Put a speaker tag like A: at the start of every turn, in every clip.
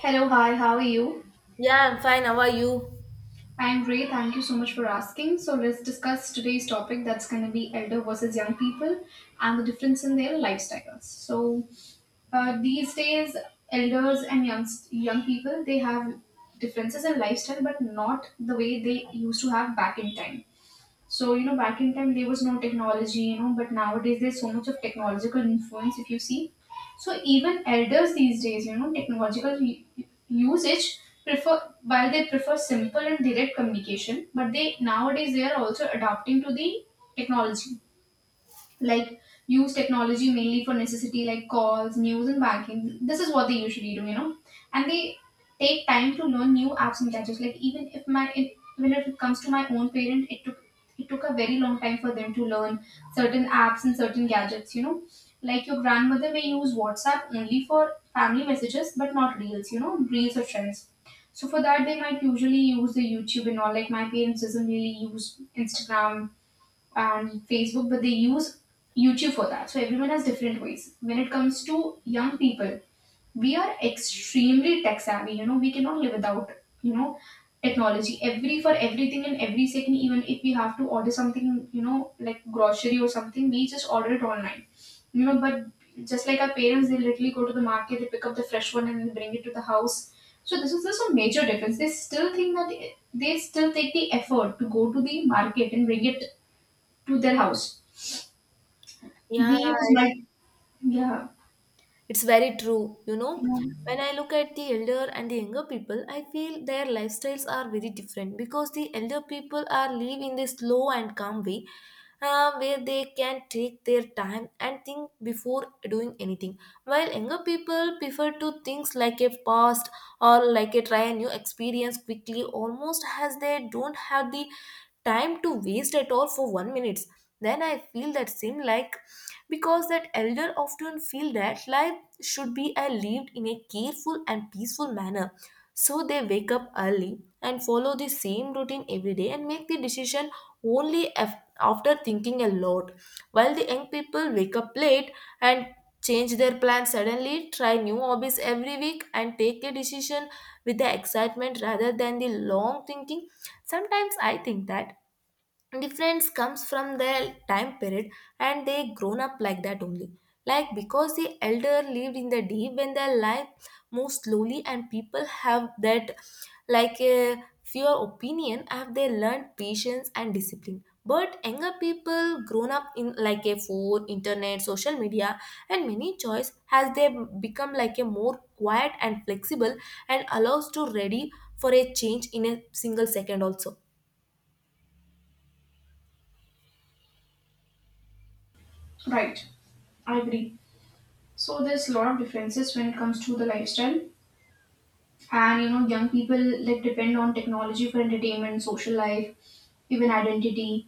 A: Hello, hi, how are you?
B: Yeah, I'm fine. How are you?
A: I'm great, thank you so much for asking. So, let's discuss today's topic that's going to be elder versus young people and the difference in their lifestyles. So, these days, elders and young people they have differences in lifestyle, but not the way they used to have back in time. So, you know, back in time there was no technology, you know, but nowadays there's so much of technological influence if you see. So even elders these days, you know, usage prefer while they prefer simple and direct communication, but they nowadays they are also adapting to the technology like use technology mainly for necessity like calls news and banking this is what they usually do you know and they take time to learn new apps and gadgets like even if it comes to my own parent it took a very long time for them to learn certain apps and certain gadgets you know like your grandmother may use whatsapp only for family messages but not reels you know reels or trends so for that they might usually use the youtube and all like my parents doesn't really use instagram and Facebook, but they use YouTube for that. So everyone has different ways. When it comes to young people, we are extremely tech savvy. You know, we cannot live without, you know, technology. Every for everything and every second, even if we have to order something, you know, like grocery or something, we just order it online. You know, but just like our parents, they literally go to the market, they pick up the fresh one and they bring it to the house. So this is just a major difference. They still think that they still take the effort to go to the market and bring it to their house. We
B: Yeah,
A: use
B: it-
A: multi. Yeah,
B: it's very true. You know,
A: yeah,
B: when I look at the elder and the younger people, I feel their lifestyles are very different because the elder people are live in this slow and calm way, where they can take their time and think before doing anything, while younger people prefer to things like a past or like a try a new experience quickly, almost as they don't have the time to waste at all for one minute. Then I feel that same like because that elder often feel that life should be lived in a careful and peaceful manner, so they wake up early and follow the same routine every day and make the decision only after thinking a lot, while the young people wake up late and change their plans suddenly try new hobbies every week and take a decision with the excitement rather than the long thinking. Sometimes I think that difference comes from their time period and they grown up like that only, like because the elder lived in the deep when their life moves slowly and people have that like a fewer opinion have they learned patience and discipline, but younger people grown up in like a phone internet social media and many choice has they become like a more quiet and flexible and allows to ready for a change in a single second also.
A: right. I agree. So there's a lot of differences when it comes to the lifestyle, and you know, young people like depend on technology for entertainment, social life, even identity,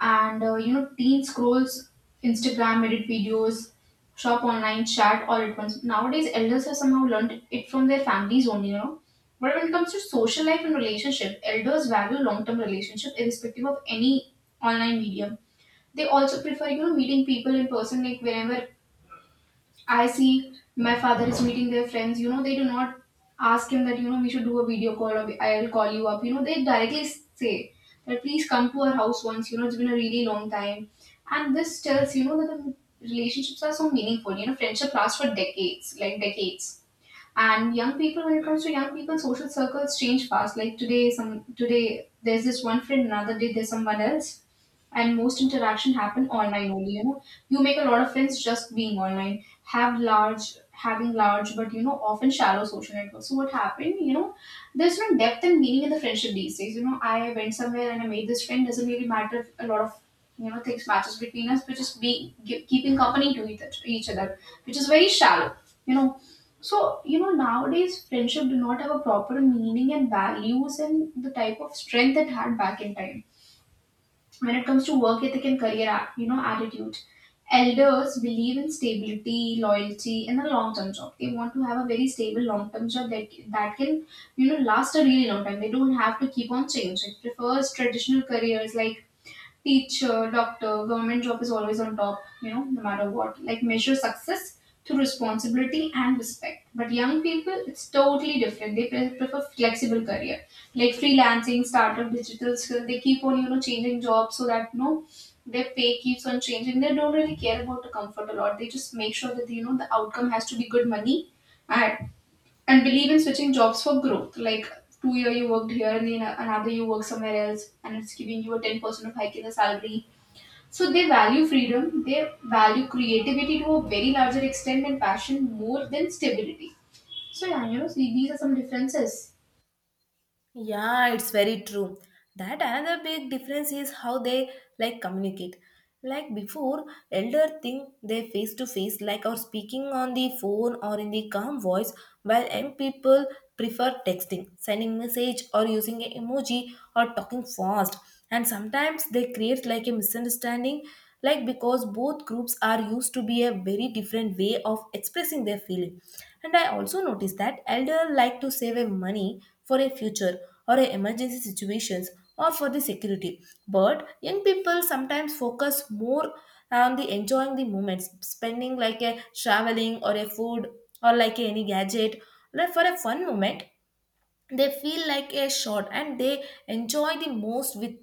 A: and you know, teen scrolls Instagram, edit videos, shop online, chat all at once. Nowadays, elders have somehow learned it from their families only, you know. But when it comes to social life and relationship, elders value long-term relationship irrespective of any online medium. They also prefer, you know, meeting people in person. Like whenever I see my father is meeting their friends, you know, they do not ask him that, you know, we should do a video call or I'll call you up. You know, they directly say that please come to our house once, you know, it's been a really long time. And this tells, you know, that the relationships are so meaningful. You know, friendship lasts for decades, like decades. And young people, when it comes to young people, social circles change fast. Like today, some today there's this one friend, another day there's someone else, and most interaction happen online only. You know, you make a lot of friends just being online. Having large, but you know, often shallow social networks. So what happened? You know, there's no depth and meaning in the friendship these days. You know, I went somewhere and I made this friend. Doesn't really matter if a lot of, you know, things matches between us, but just be keeping company to each other, which is very shallow, you know. So, you know, nowadays friendship do not have a proper meaning and values and the type of strength it had back in time. When it comes to work ethic and career, you know, attitude, elders believe in stability, loyalty, and a long-term job. They want to have a very stable long-term job that can, you know, last a really long time. They don't have to keep on changing. It Prefers traditional careers like teacher, doctor, government job is always on top, you know, no matter what. Like measure success through responsibility and respect. But young people, it's totally different. They prefer flexible career, like freelancing, startup, digital skill. They keep on, you know, changing jobs so that, you know, their pay keeps on changing. They don't really care about the comfort a lot. They just make sure that, you know, the outcome has to be good money and believe in switching jobs for growth. Like 2 year you worked here and then another you work somewhere else and it's giving you a 10% of hike in the salary. So they value freedom, they value creativity to a very larger extent and passion more than stability. So yeah, you know, see, these are some differences.
B: Yeah, it's very true. That another big difference is how they like communicate. Like before, elder think they face to face, like or speaking on the phone or in the calm voice, while young people prefer texting, sending message or using an emoji or talking fast. And sometimes they create like a misunderstanding, like because both groups are used to be a very different way of expressing their feeling. And I also noticed that elder like to save a money for a future or a emergency situations or for the security, but young people sometimes focus more on the enjoying the moments spending like a traveling or a food or like any gadget like for a fun moment they feel like a shot and they enjoy the most with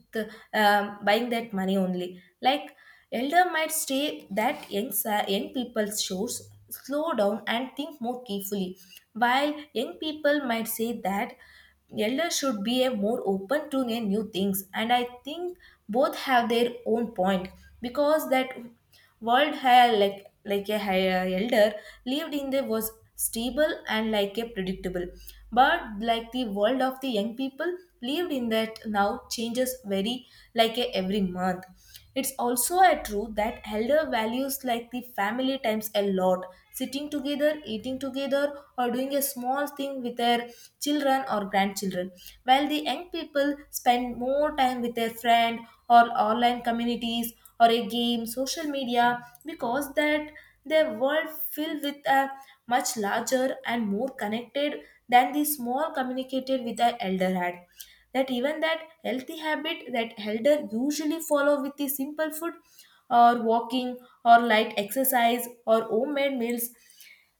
B: buying that money only, like elder might stay that young people's shows slow down and think more carefully, while young people might say that elder should be a more open to the new things. And I think both have their own point because that world hair like a higher elder lived in the was stable and like a predictable. But like the world of the young people lived in that now changes very like a every month. It's also a truth that elder values like the family times a lot. Sitting together, eating together, or doing a small thing with their children or grandchildren. While the young people spend more time with their friend or online communities or a game, social media, because that their world filled with a much larger and more connected than the small communicated with the elder had. That even that healthy habit that elder usually follow with the simple food or walking or light exercise or homemade meals,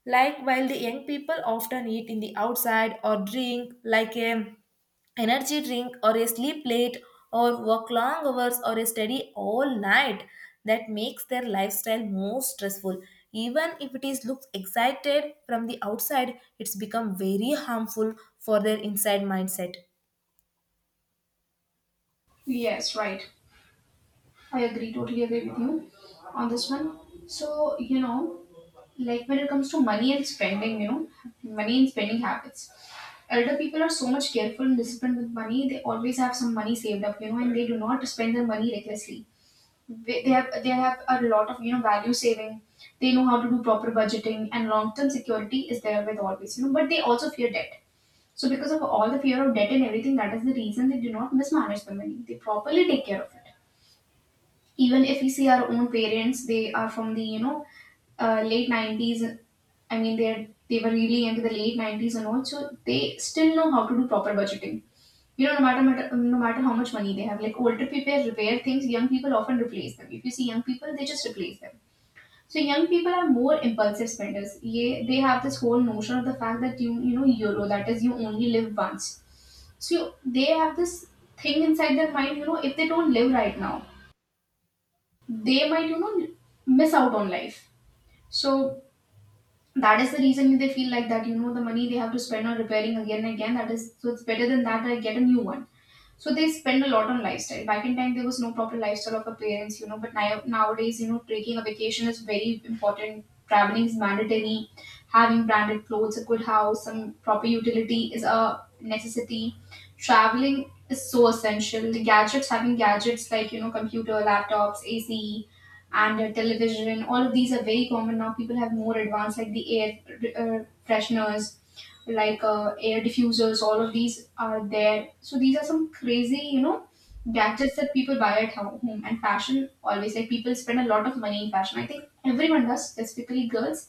B: like while the young people often eat in the outside or drink like a energy drink or a sleep late or work long hours or a study all night, that makes their lifestyle more stressful. Even if it is looks excited from the outside, it's become very harmful for their inside mindset.
A: Yes, right. I agree, totally agree with you on this one. So, you know, like when it comes to money and spending, you know, money and spending habits. Elder people are so much careful and disciplined with money. They always have some money saved up, you know, and they do not spend their money recklessly. They have a lot of, you know, value saving. They know how to do proper budgeting and long term security is there with always, you know. But they also fear debt. So because of all the fear of debt and everything, that is the reason they do not mismanage the money. They properly take care of it even if we see our own parents. They are from the, you know, late 90s. I mean, they're they were really into the late 90s and all, so they still know how to do proper budgeting, you know. No matter how much money they have, like older people repair things, young people often replace them. If you see young people, they just replace them. So young people are more impulsive spenders, yeah. They have this whole notion of the fact that you know euro, that is, you only live once. So they have this thing inside their mind, you know, if they don't live right now, they might, you know, miss out on life. So that is the reason they feel like that, you know, the money they have to spend on repairing again and again, that is so it's better than that I get a new one. So they spend a lot on lifestyle. Back in time, there was no proper lifestyle of our parents, you know. But now, nowadays, you know, taking a vacation is very important. Traveling is mandatory. Having branded clothes, a good house, some proper utility is a necessity. Traveling is so essential. The gadgets, having gadgets like, you know, computer, laptops, AC, and television, all of these are very common now. People have more advanced, like the air uh, fresheners, like air diffusers, all of these are there. So these are some crazy, you know, gadgets that people buy at home. And fashion always, like people spend a lot of money in fashion, I think everyone does, specifically girls.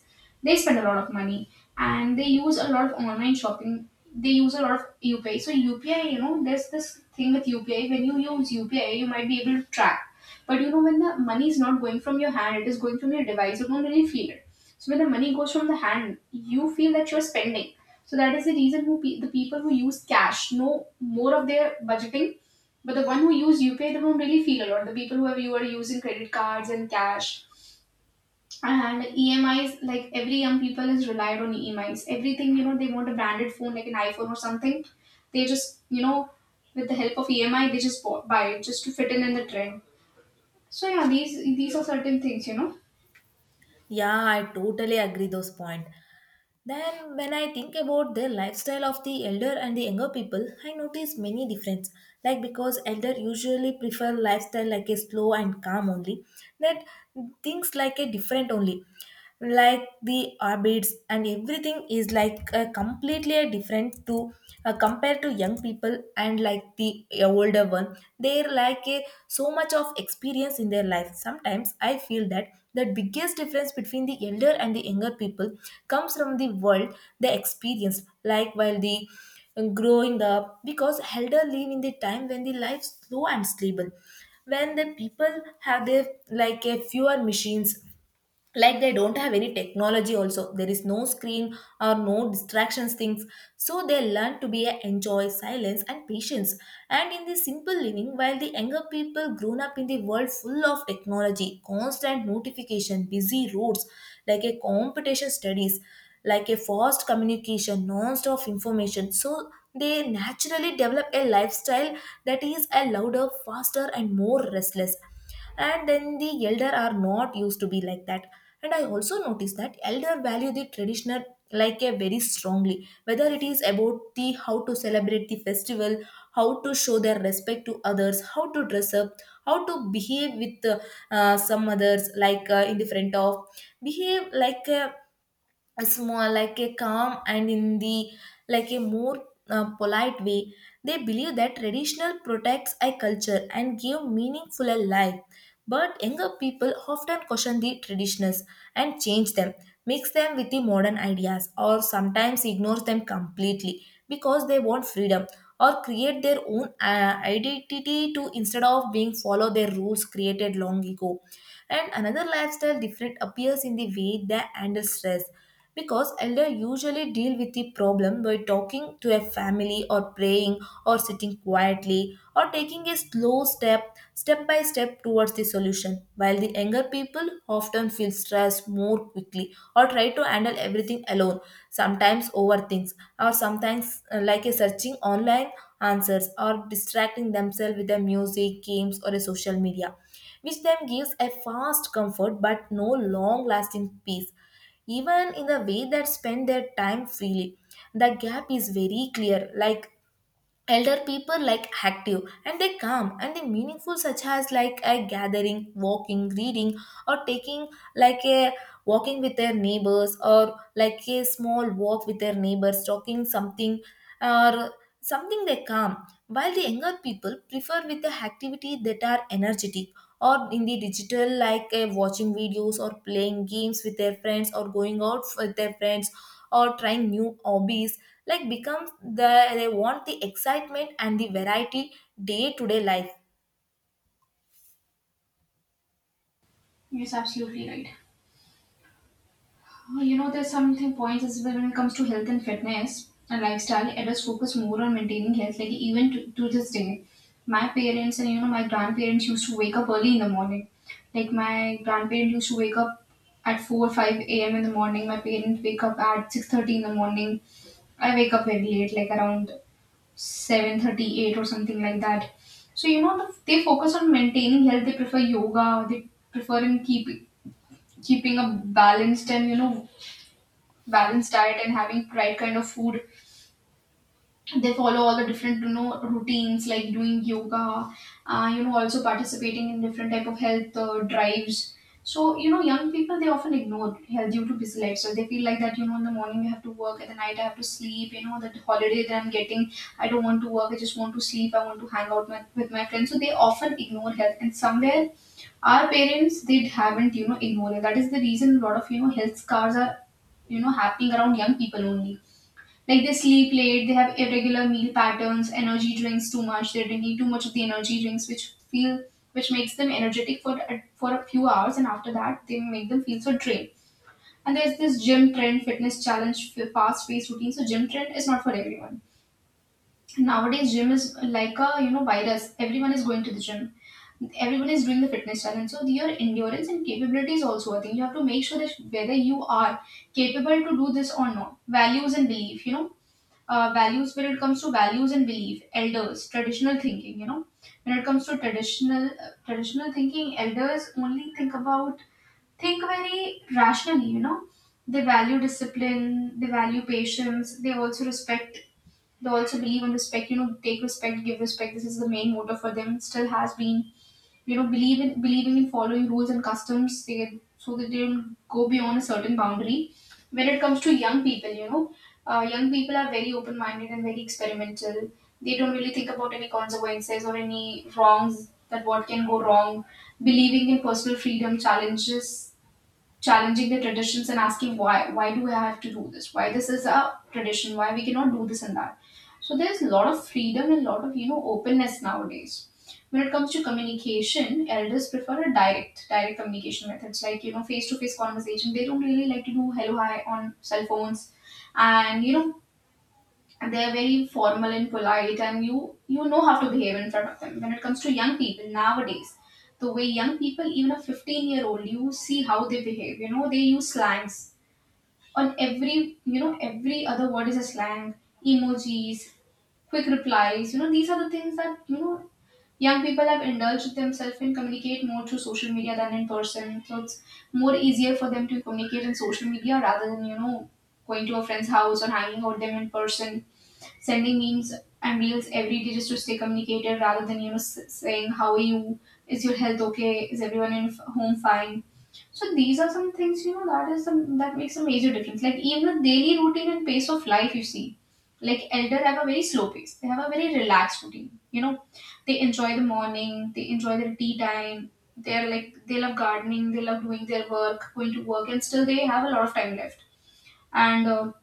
A: They spend a lot of money and they use a lot of online shopping. They use a lot of UPI. So UPI, you know, there's this thing with UPI, when you use UPI you might be able to track, but you know when the money is not going from your hand, it is going from your device, you don't really feel it. So when the money goes from the hand, you feel that you're spending. So that is the reason who the people who use cash know more of their budgeting, but the one who use UPI they don't really feel a lot. The people who are you are using credit cards and cash and EMIs, like every young people is relied on EMIs. Everything, you know, they want a branded phone like an iPhone or something. They just, you know, with the help of EMI they just buy it just to fit in the trend. So yeah, these are certain things, you know.
B: Yeah, I totally agree those point. Then when I think about the lifestyle of the elder and the younger people, I notice many difference. Like because elder usually prefer lifestyle like a slow and calm only, that things like a different only, like the orbits and everything is like a completely a different to compared to young people, and like the older one they're like a, so much of experience in their life. Sometimes I feel that the biggest difference between the elder and the younger people comes from the world they experience like while the growing up, because elder live in the time when the life slow and stable, when the people have their like a fewer machines, like they don't have any technology also, there is no screen or no distractions things, so they learn to be a enjoy silence and patience and in this simple living, while the younger people grown up in the world full of technology, constant notification, busy roads, like a competition studies, like a fast communication, non-stop information. So they naturally develop a lifestyle that is a louder faster and more restless, and then the elder are not used to be like that. And I also noticed that elder value the traditional like a very strongly, whether it is about the how to celebrate the festival, how to show their respect to others, how to dress up, how to behave with some others, like in the front of behave like a small, like a calm and in the like a more polite way. They believe that traditional protects a culture and give meaningful a life, but younger people often question the traditionals and change them, mix them with the modern ideas or sometimes ignores them completely because they want freedom or create their own identity to instead of being follow their rules created long ago. And another lifestyle different appears in the way they handle stress because elder usually deal with the problem by talking to a family or praying or sitting quietly or taking a slow step, step by step towards the solution, while the younger people often feel stressed more quickly or try to handle everything alone, sometimes over things, or sometimes like a searching online answers or distracting themselves with the music games or a social media, which then gives a fast comfort but no long lasting peace. Even in the way that spend their time freely, the gap is very clear, like elder people like active and they come and they meaningful such as like a gathering walking reading or taking like a walking with their neighbors or like a small walk with their neighbors talking something or something they calm, while the younger people prefer with the activity that are energetic or in the digital, like watching videos or playing games with their friends or going out with their friends or trying new hobbies, like becomes the they want the excitement and the variety day to day life.
A: Yes, absolutely right. Oh, you know, there's something points as well when it comes to health and fitness and lifestyle. Adults focus more on maintaining health, like even to this day. My parents and you know my grandparents used to wake up early in the morning. Like my grandparents used to wake up at 4 5 a.m. in the morning. My parents wake up at 6:30 in the morning. I wake up very late, like around seven thirty eight or something like that. So you know the, they focus on maintaining health. They prefer yoga. They prefer in keeping a balanced and balanced diet and having right kind of food. They follow all the different routines like doing yoga, also participating in different type of health drives. So you know, young people, they often ignore health due to busy life. So they feel like that, you know, in the morning I have to work, at the night I have to sleep. You know, that holiday that I'm getting, I don't want to work, I just want to sleep, I want to hang out with my friends. So they often ignore health, and somewhere our parents, they haven't, you know, ignored it. That is the reason a lot of, you know, health scars are, you know, happening around young people only. Like they sleep late, they have irregular meal patterns, energy drinks too much, they're drinking too much of the energy drinks, which makes them energetic for for a few hours, and after that they make them feel so drained. And there's this gym trend, fitness challenge, fast paced routine. So gym trend is not for everyone. Nowadays, gym is like a, you know, virus. Everyone is going to the gym. Everyone is doing the fitness challenge. So your endurance and capability is also a thing. You have to make sure that whether you are capable to do this or not. Values and belief, values. When it comes to values and belief, elders, traditional thinking, you know, when it comes to traditional traditional thinking, elders only think very rationally, you know. They value discipline, they value patience, they also believe in respect. You know, take respect, give respect. This is the main motto for them. It still has been. You know, believe in believing in following rules and customs. They, so that they don't go beyond a certain boundary. When it comes to young people, you know, young people are very open minded and very experimental. They don't really think about any consequences or any wrongs that what can go wrong. Believing in personal freedom, challenges challenging the traditions and asking why do I have to do this? Why this is a tradition? Why we cannot do this and that? So there's a lot of freedom and a lot of, you know, openness nowadays. When it comes to communication, elders prefer a direct communication methods like, you know, face to face conversation. They don't really like to do hello hi on cell phones, and you know, they're very formal and polite, and you know how to behave in front of them. When it comes to young people nowadays, the way young people, even a 15-year old, you see how they behave, you know, they use slangs on every, you know, every other word is a slang. Emojis, quick replies, you know, these are the things that, you know, young people have indulged themselves and communicate more through social media than in person. So it's more easier for them to communicate in social media rather than, you know, going to a friend's house or hanging out with them in person, sending memes and reels every day just to stay communicated rather than, you know, saying, how are you? Is your health okay? Is everyone in home fine? So these are some things, you know, that makes a major difference. Like, even the daily routine and pace of life, you see. Like, elder have a very slow pace. They have a very relaxed routine. You know, they enjoy the morning, they enjoy their tea time, they're like, they love gardening, they love doing their work, going to work, and still they have a lot of time left. And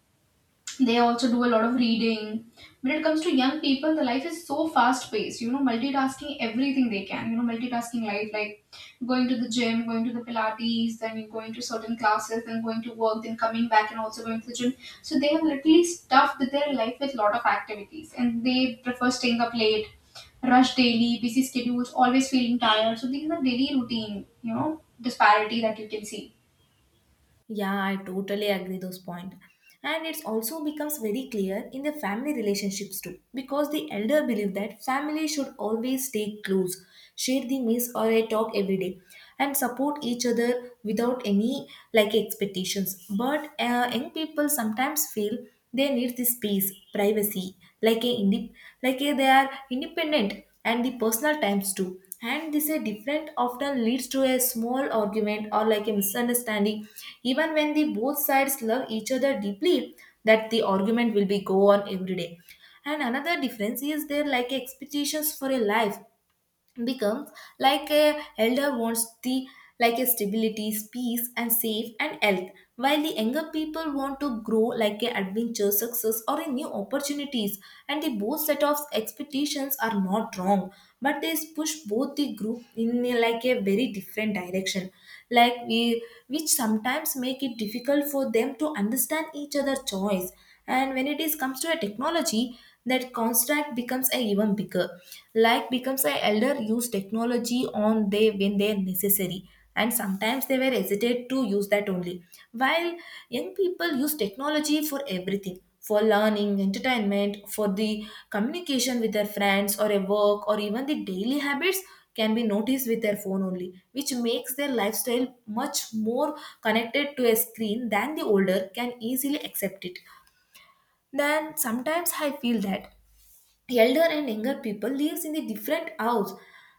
A: they also do a lot of reading. When it comes to young people, the life is so fast paced, you know, multitasking everything they can, you know, multitasking life, like going to the gym, going to the pilates, then going to certain classes, then going to work, then coming back and also going to the gym. So they have literally stuffed their life with a lot of activities, and they prefer staying up late, rush daily busy schedules, always feeling tired. So these are daily routine, you know, disparity that you can see.
B: Yeah, I totally agree those point. And it's also becomes very clear in the family relationships too, because the elder believe that family should always stay close, share the meals or a talk every day, and support each other without any like expectations. But young people sometimes feel they need the space privacy, like a like a they are independent and the personal times too, and this a different often leads to a small argument or like a misunderstanding even when the both sides love each other deeply, that the argument will be go on every day. And another difference is there like expectations for a life becomes like a elder wants the like a stability peace and safe and health, while the younger people want to grow like a adventure success or a new opportunities. And the both set of expectations are not wrong, but they push both the group in like a very different direction, like we which sometimes make it difficult for them to understand each other choice. And when it is comes to a technology, that contract becomes a even bigger, like becomes a elder use technology on they when they are necessary, and sometimes they were hesitate to use that only, while young people use technology for everything, for learning entertainment, for the communication with their friends or a work or even the daily habits can be noticed with their phone only, which makes their lifestyle much more connected to a screen than the older can easily accept it. Then sometimes I feel that elder and younger people lives in the different house,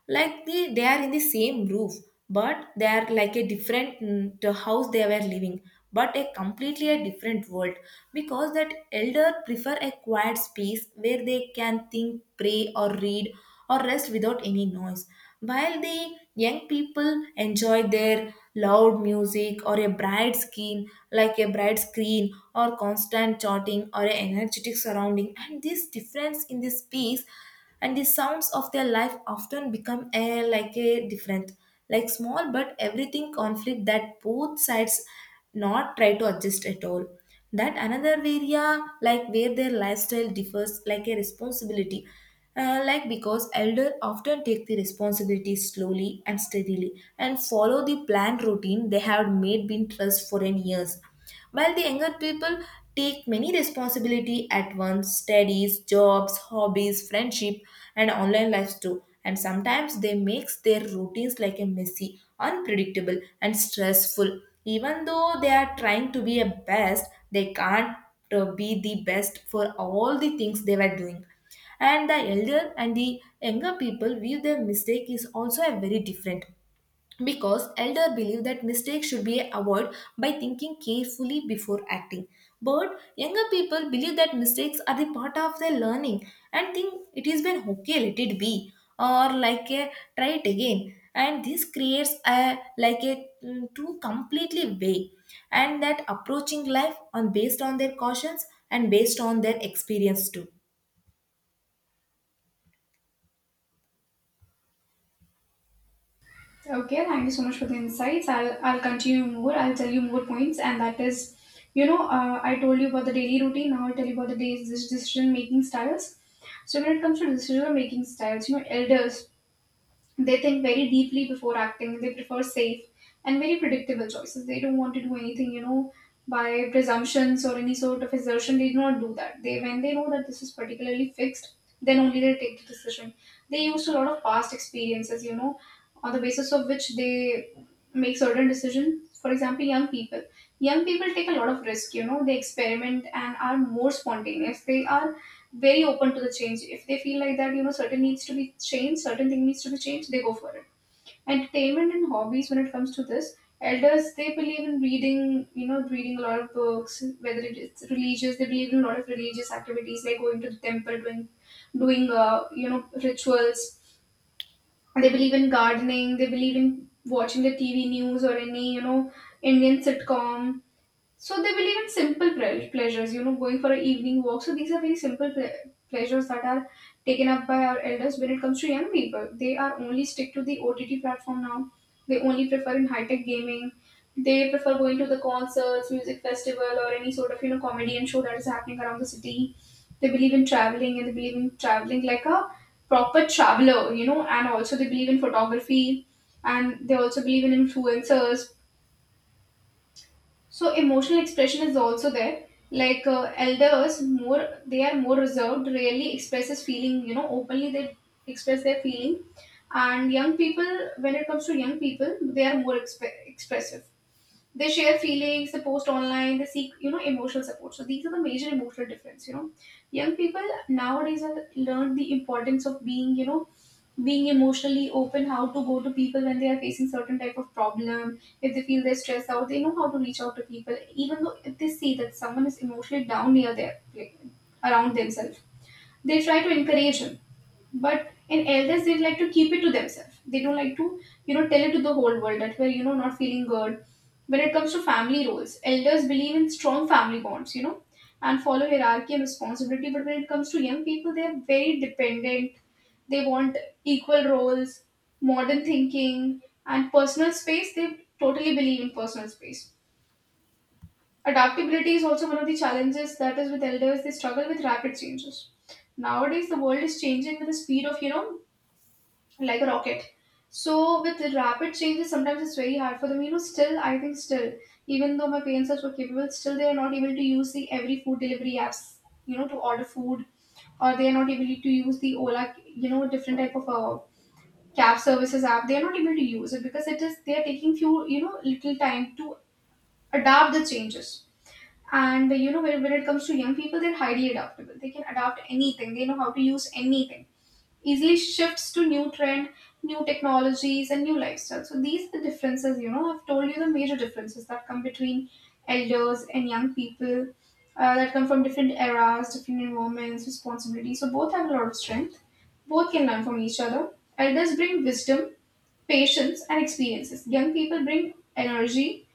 B: like they are in the same roof, but they are like a different, the house they were living, but a completely a different world, because that elder prefer a quiet space where they can think, pray or read or rest without any noise. While the young people enjoy their loud music or a bright screen, like a bright screen or constant chatting or an energetic surrounding, and this difference in the space and the sounds of their life often become a like a different, like small but everything conflict that both sides not try to adjust at all, that another area like where their lifestyle differs like a responsibility. Like because elder often take the responsibility slowly and steadily and follow the planned routine they have made been trust for an years, while the younger people take many responsibility at once, studies, jobs, hobbies, friendship, and online lives too, and sometimes they makes their routines like a messy, unpredictable, and stressful, even though they are trying to be a best they can't be the best for all the things they were doing. And the elder and the younger people view their mistake is also a very different, because elder believe that mistake should be avoided by thinking carefully before acting, but younger people believe that mistakes are the part of their learning, and think it is been okay, let it be, or like a try it again. And this creates a like a two completely way and that approaching life on based on their cautions and based on their experience too.
A: Okay, thank you so much for the insights. I'll continue more. I'll tell you more points, and that is, you know, I told you about the daily routine. Now I'll tell you about the day's decision making styles. So when it comes to decision making styles, you know, elders, they think very deeply before acting. They prefer safe and very predictable choices. They don't want to do anything, you know, by presumptions or any sort of assertion. They do not do that. They, when they know that this is particularly fixed, then only they take the decision. They used a lot of past experiences, you know, on the basis of which they make certain decisions. For example, young people. Young people take a lot of risk, you know, they experiment and are more spontaneous. They are very open to the change. If they feel like that, you know, certain needs to be changed, certain thing needs to be changed, they go for it. Entertainment and hobbies, when it comes to this, elders, they believe in reading, you know, reading a lot of books. Whether it's religious, they believe in a lot of religious activities like going to the temple, you know, rituals. They believe in gardening. They believe in watching the TV news or any, you know, Indian sitcom. So they believe in simple pleasures, you know, going for an evening walk. So these are very simple pleasures that are taken up by our elders. When it comes to young people, they are only stick to the OTT platform now. They only prefer in high tech gaming. They prefer going to the concerts, music festival, or any sort of, you know, comedy and show that is happening around the city. They believe in traveling, and they believe in traveling like a proper traveler, you know, and also they believe in photography, and they also believe in influencers. So emotional expression is also there. Like, elders more they are more reserved, rarely expresses feeling, you know, openly. They express their feeling. And young people, when it comes to young people, they are more expressive. They share feelings, they post online, they seek, you know, emotional support. So these are the major emotional difference, you know. Young people nowadays have learned the importance of being, you know, being emotionally open, how to go to people when they are facing certain type of problem. If they feel they're stressed out, they know how to reach out to people. Even though if they see that someone is emotionally down near their, like, around themselves, they try to encourage him. But in elders, they like to keep it to themselves. They don't like to, you know, tell it to the whole world that we're, you know, not feeling good. When it comes to family roles, elders believe in strong family bonds, you know, and follow hierarchy and responsibility. But when it comes to young people, they're very dependent. They want equal roles, modern thinking, and personal space. They totally believe in personal space. Adaptability is also one of the challenges that is with elders. They struggle with rapid changes. Nowadays, the world is changing with the speed of, you know, like a rocket. So with the rapid changes, sometimes it's very hard for them. You know, still I think, still, even though my parents are so capable, still they are not able to use the every food delivery apps, you know, to order food, or they are not able to use the Ola, you know, different type of cab services app. They are not able to use it because it is they are taking few, you know, little time to adapt the changes. And you know, when it comes to young people, they're highly adaptable. They can adapt anything. They know how to use anything, easily shifts to new trend, new technologies, and new lifestyles. So these are the differences, you know, I've told you the major differences that come between elders and young people, that come from different eras, different environments, responsibilities. So both have a lot of strength. Both can learn from each other. Elders bring wisdom, patience, and experiences. Young people bring energy,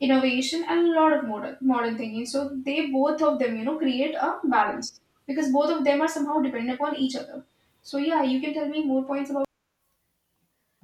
A: innovation, and a lot of modern thinking. So they, both of them, you know, create a balance because both of them are somehow dependent upon each other. So yeah, you can tell me more points about.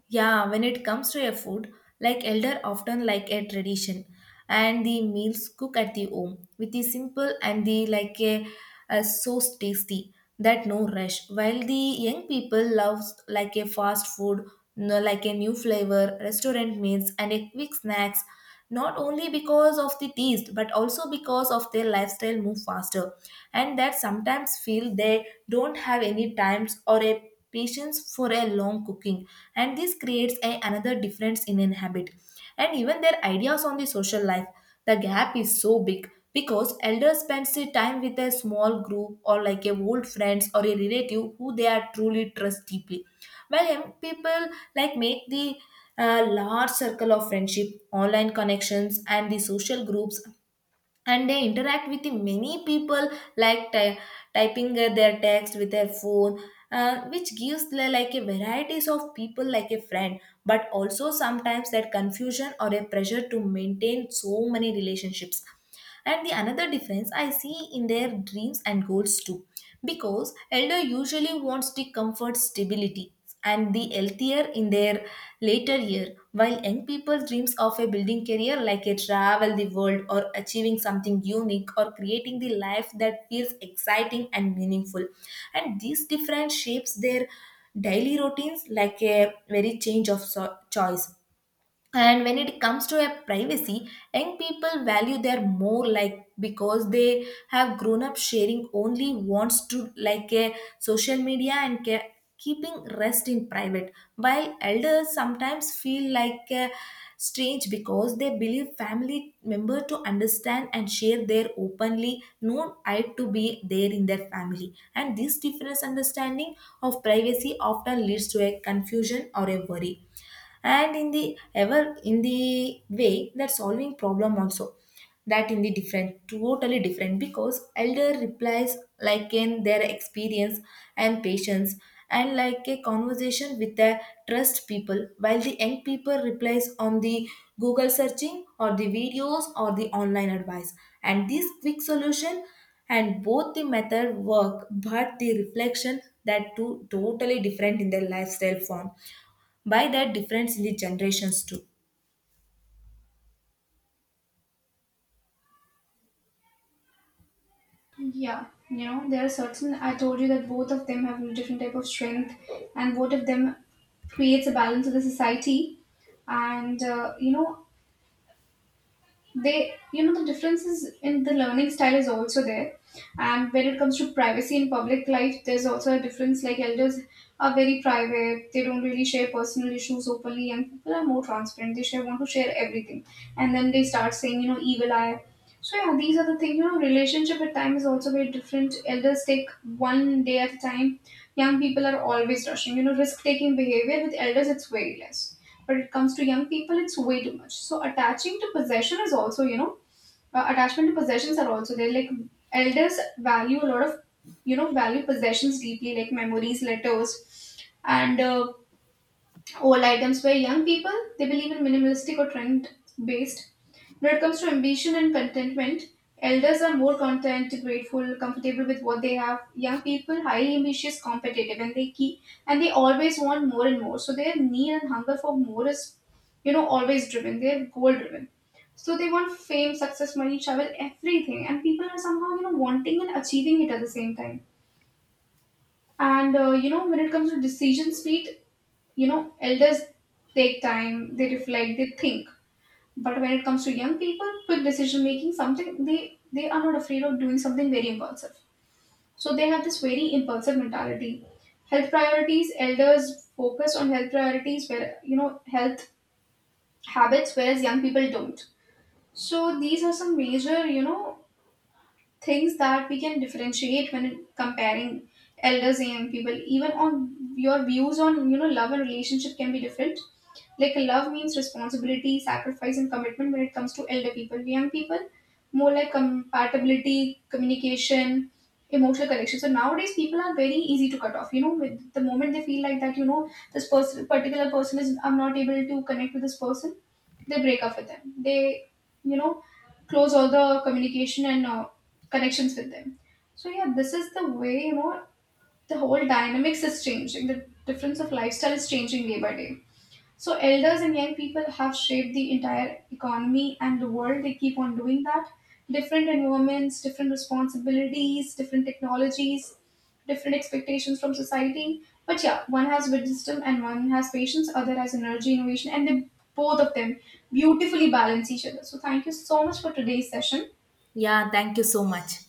B: Yeah, when it comes to a food, like elder often like a tradition, and the meals cook at the home with the simple and the like a so tasty that no rush. While the young people loves like a fast food, no, like a new flavor, restaurant meals, and a quick snacks, not only because of the taste but also because of their lifestyle move faster, and that sometimes feel they don't have any times or a patience for a long cooking. And this creates a, another difference in an habit. And even their ideas on the social life, the gap is so big because elders spend their time with a small group or like a old friends or a relative who they are truly trust deeply, while young people like make the large circle of friendship, online connections, and the social groups, and they interact with the many people like typing their text with their phone, which gives like a varieties of people like a friend, but also sometimes that confusion or a pressure to maintain so many relationships. And the another difference I see in their dreams and goals too, because elder usually wants the comfort, stability, and the healthier in their later year, while young people dreams of a building career like a travel the world or achieving something unique or creating the life that feels exciting and meaningful. And these different shapes their daily routines like a very change of choice. And when it comes to a privacy, young people value their more like, because they have grown up sharing only wants to like a social media and keeping rest in private, while elders sometimes feel like a strange because they believe family member to understand and share their openly known right to be there in their family. And this different understanding of privacy often leads to a confusion or a worry. And in the ever in the way that solving problem also, that in the different totally different, because elder replies like in their experience and patience and like a conversation with the trust people, while the young people replies on the google searching or the videos or the online advice and this quick solution. And both the method work but the reflection that two totally different in their lifestyle form by that difference in the generations too.
A: Yeah, you know, there are certain, I told you that both of them have a different type of strength, and both of them creates a balance of the society. And you know, they, you know, the differences in the learning style is also there. And when it comes to privacy in public life, there's also a difference. Like, elders are very private, they don't really share personal issues openly. Young people are more transparent, they want to share everything, and then they start saying, you know, evil eye. So yeah, these are the things, you know. Relationship at time is also very different. Elders take one day at a time, young people are always rushing, you know. Risk taking behavior with elders, it's very less, but it comes to young people, it's way too much. So attaching to possession is also, you know, attachment to possessions are also there. Like, elders value a lot of, you know, value possessions deeply, like memories, letters, and old items, where young people, they believe in minimalistic or trend based. When it comes to ambition and contentment, elders are more content, grateful, comfortable with what they have. Young people highly ambitious, competitive, and they always want more and more. So their need and hunger for more is, you know, always driven, they're goal driven. So they want fame, success, money, travel, everything, and people are somehow, you know, wanting and achieving it at the same time. And you know, when it comes to decision speed, you know, elders take time, they reflect, they think. But when it comes to young people, quick decision making, something, they are not afraid of doing something very impulsive. So they have this very impulsive mentality. Health priorities, elders focus on health priorities, where you know health habits, whereas young people don't. So these are some major, you know, things that we can differentiate when comparing elders and young people. Even on your views on, you know, love and relationship can be different. Like, love means responsibility, sacrifice, and commitment when it comes to elder people. Young people more like compatibility, communication, emotional connection. So nowadays people are very easy to cut off, you know. With the moment they feel like that, you know, this person particular person is, I'm not able to connect with this person, they break up with them, they, you know, close all the communication and connections with them. So yeah, this is the way, you know, the whole dynamics is changing. The difference of lifestyle is changing day by day. So elders and young people have shaped the entire economy and the world. They keep on doing that. Different environments, different responsibilities, different technologies, different expectations from society. But yeah, one has wisdom and one has patience, other has energy, innovation, and they, both of them, beautifully balance each other. So thank you so much for today's session.
B: Yeah, thank you so much.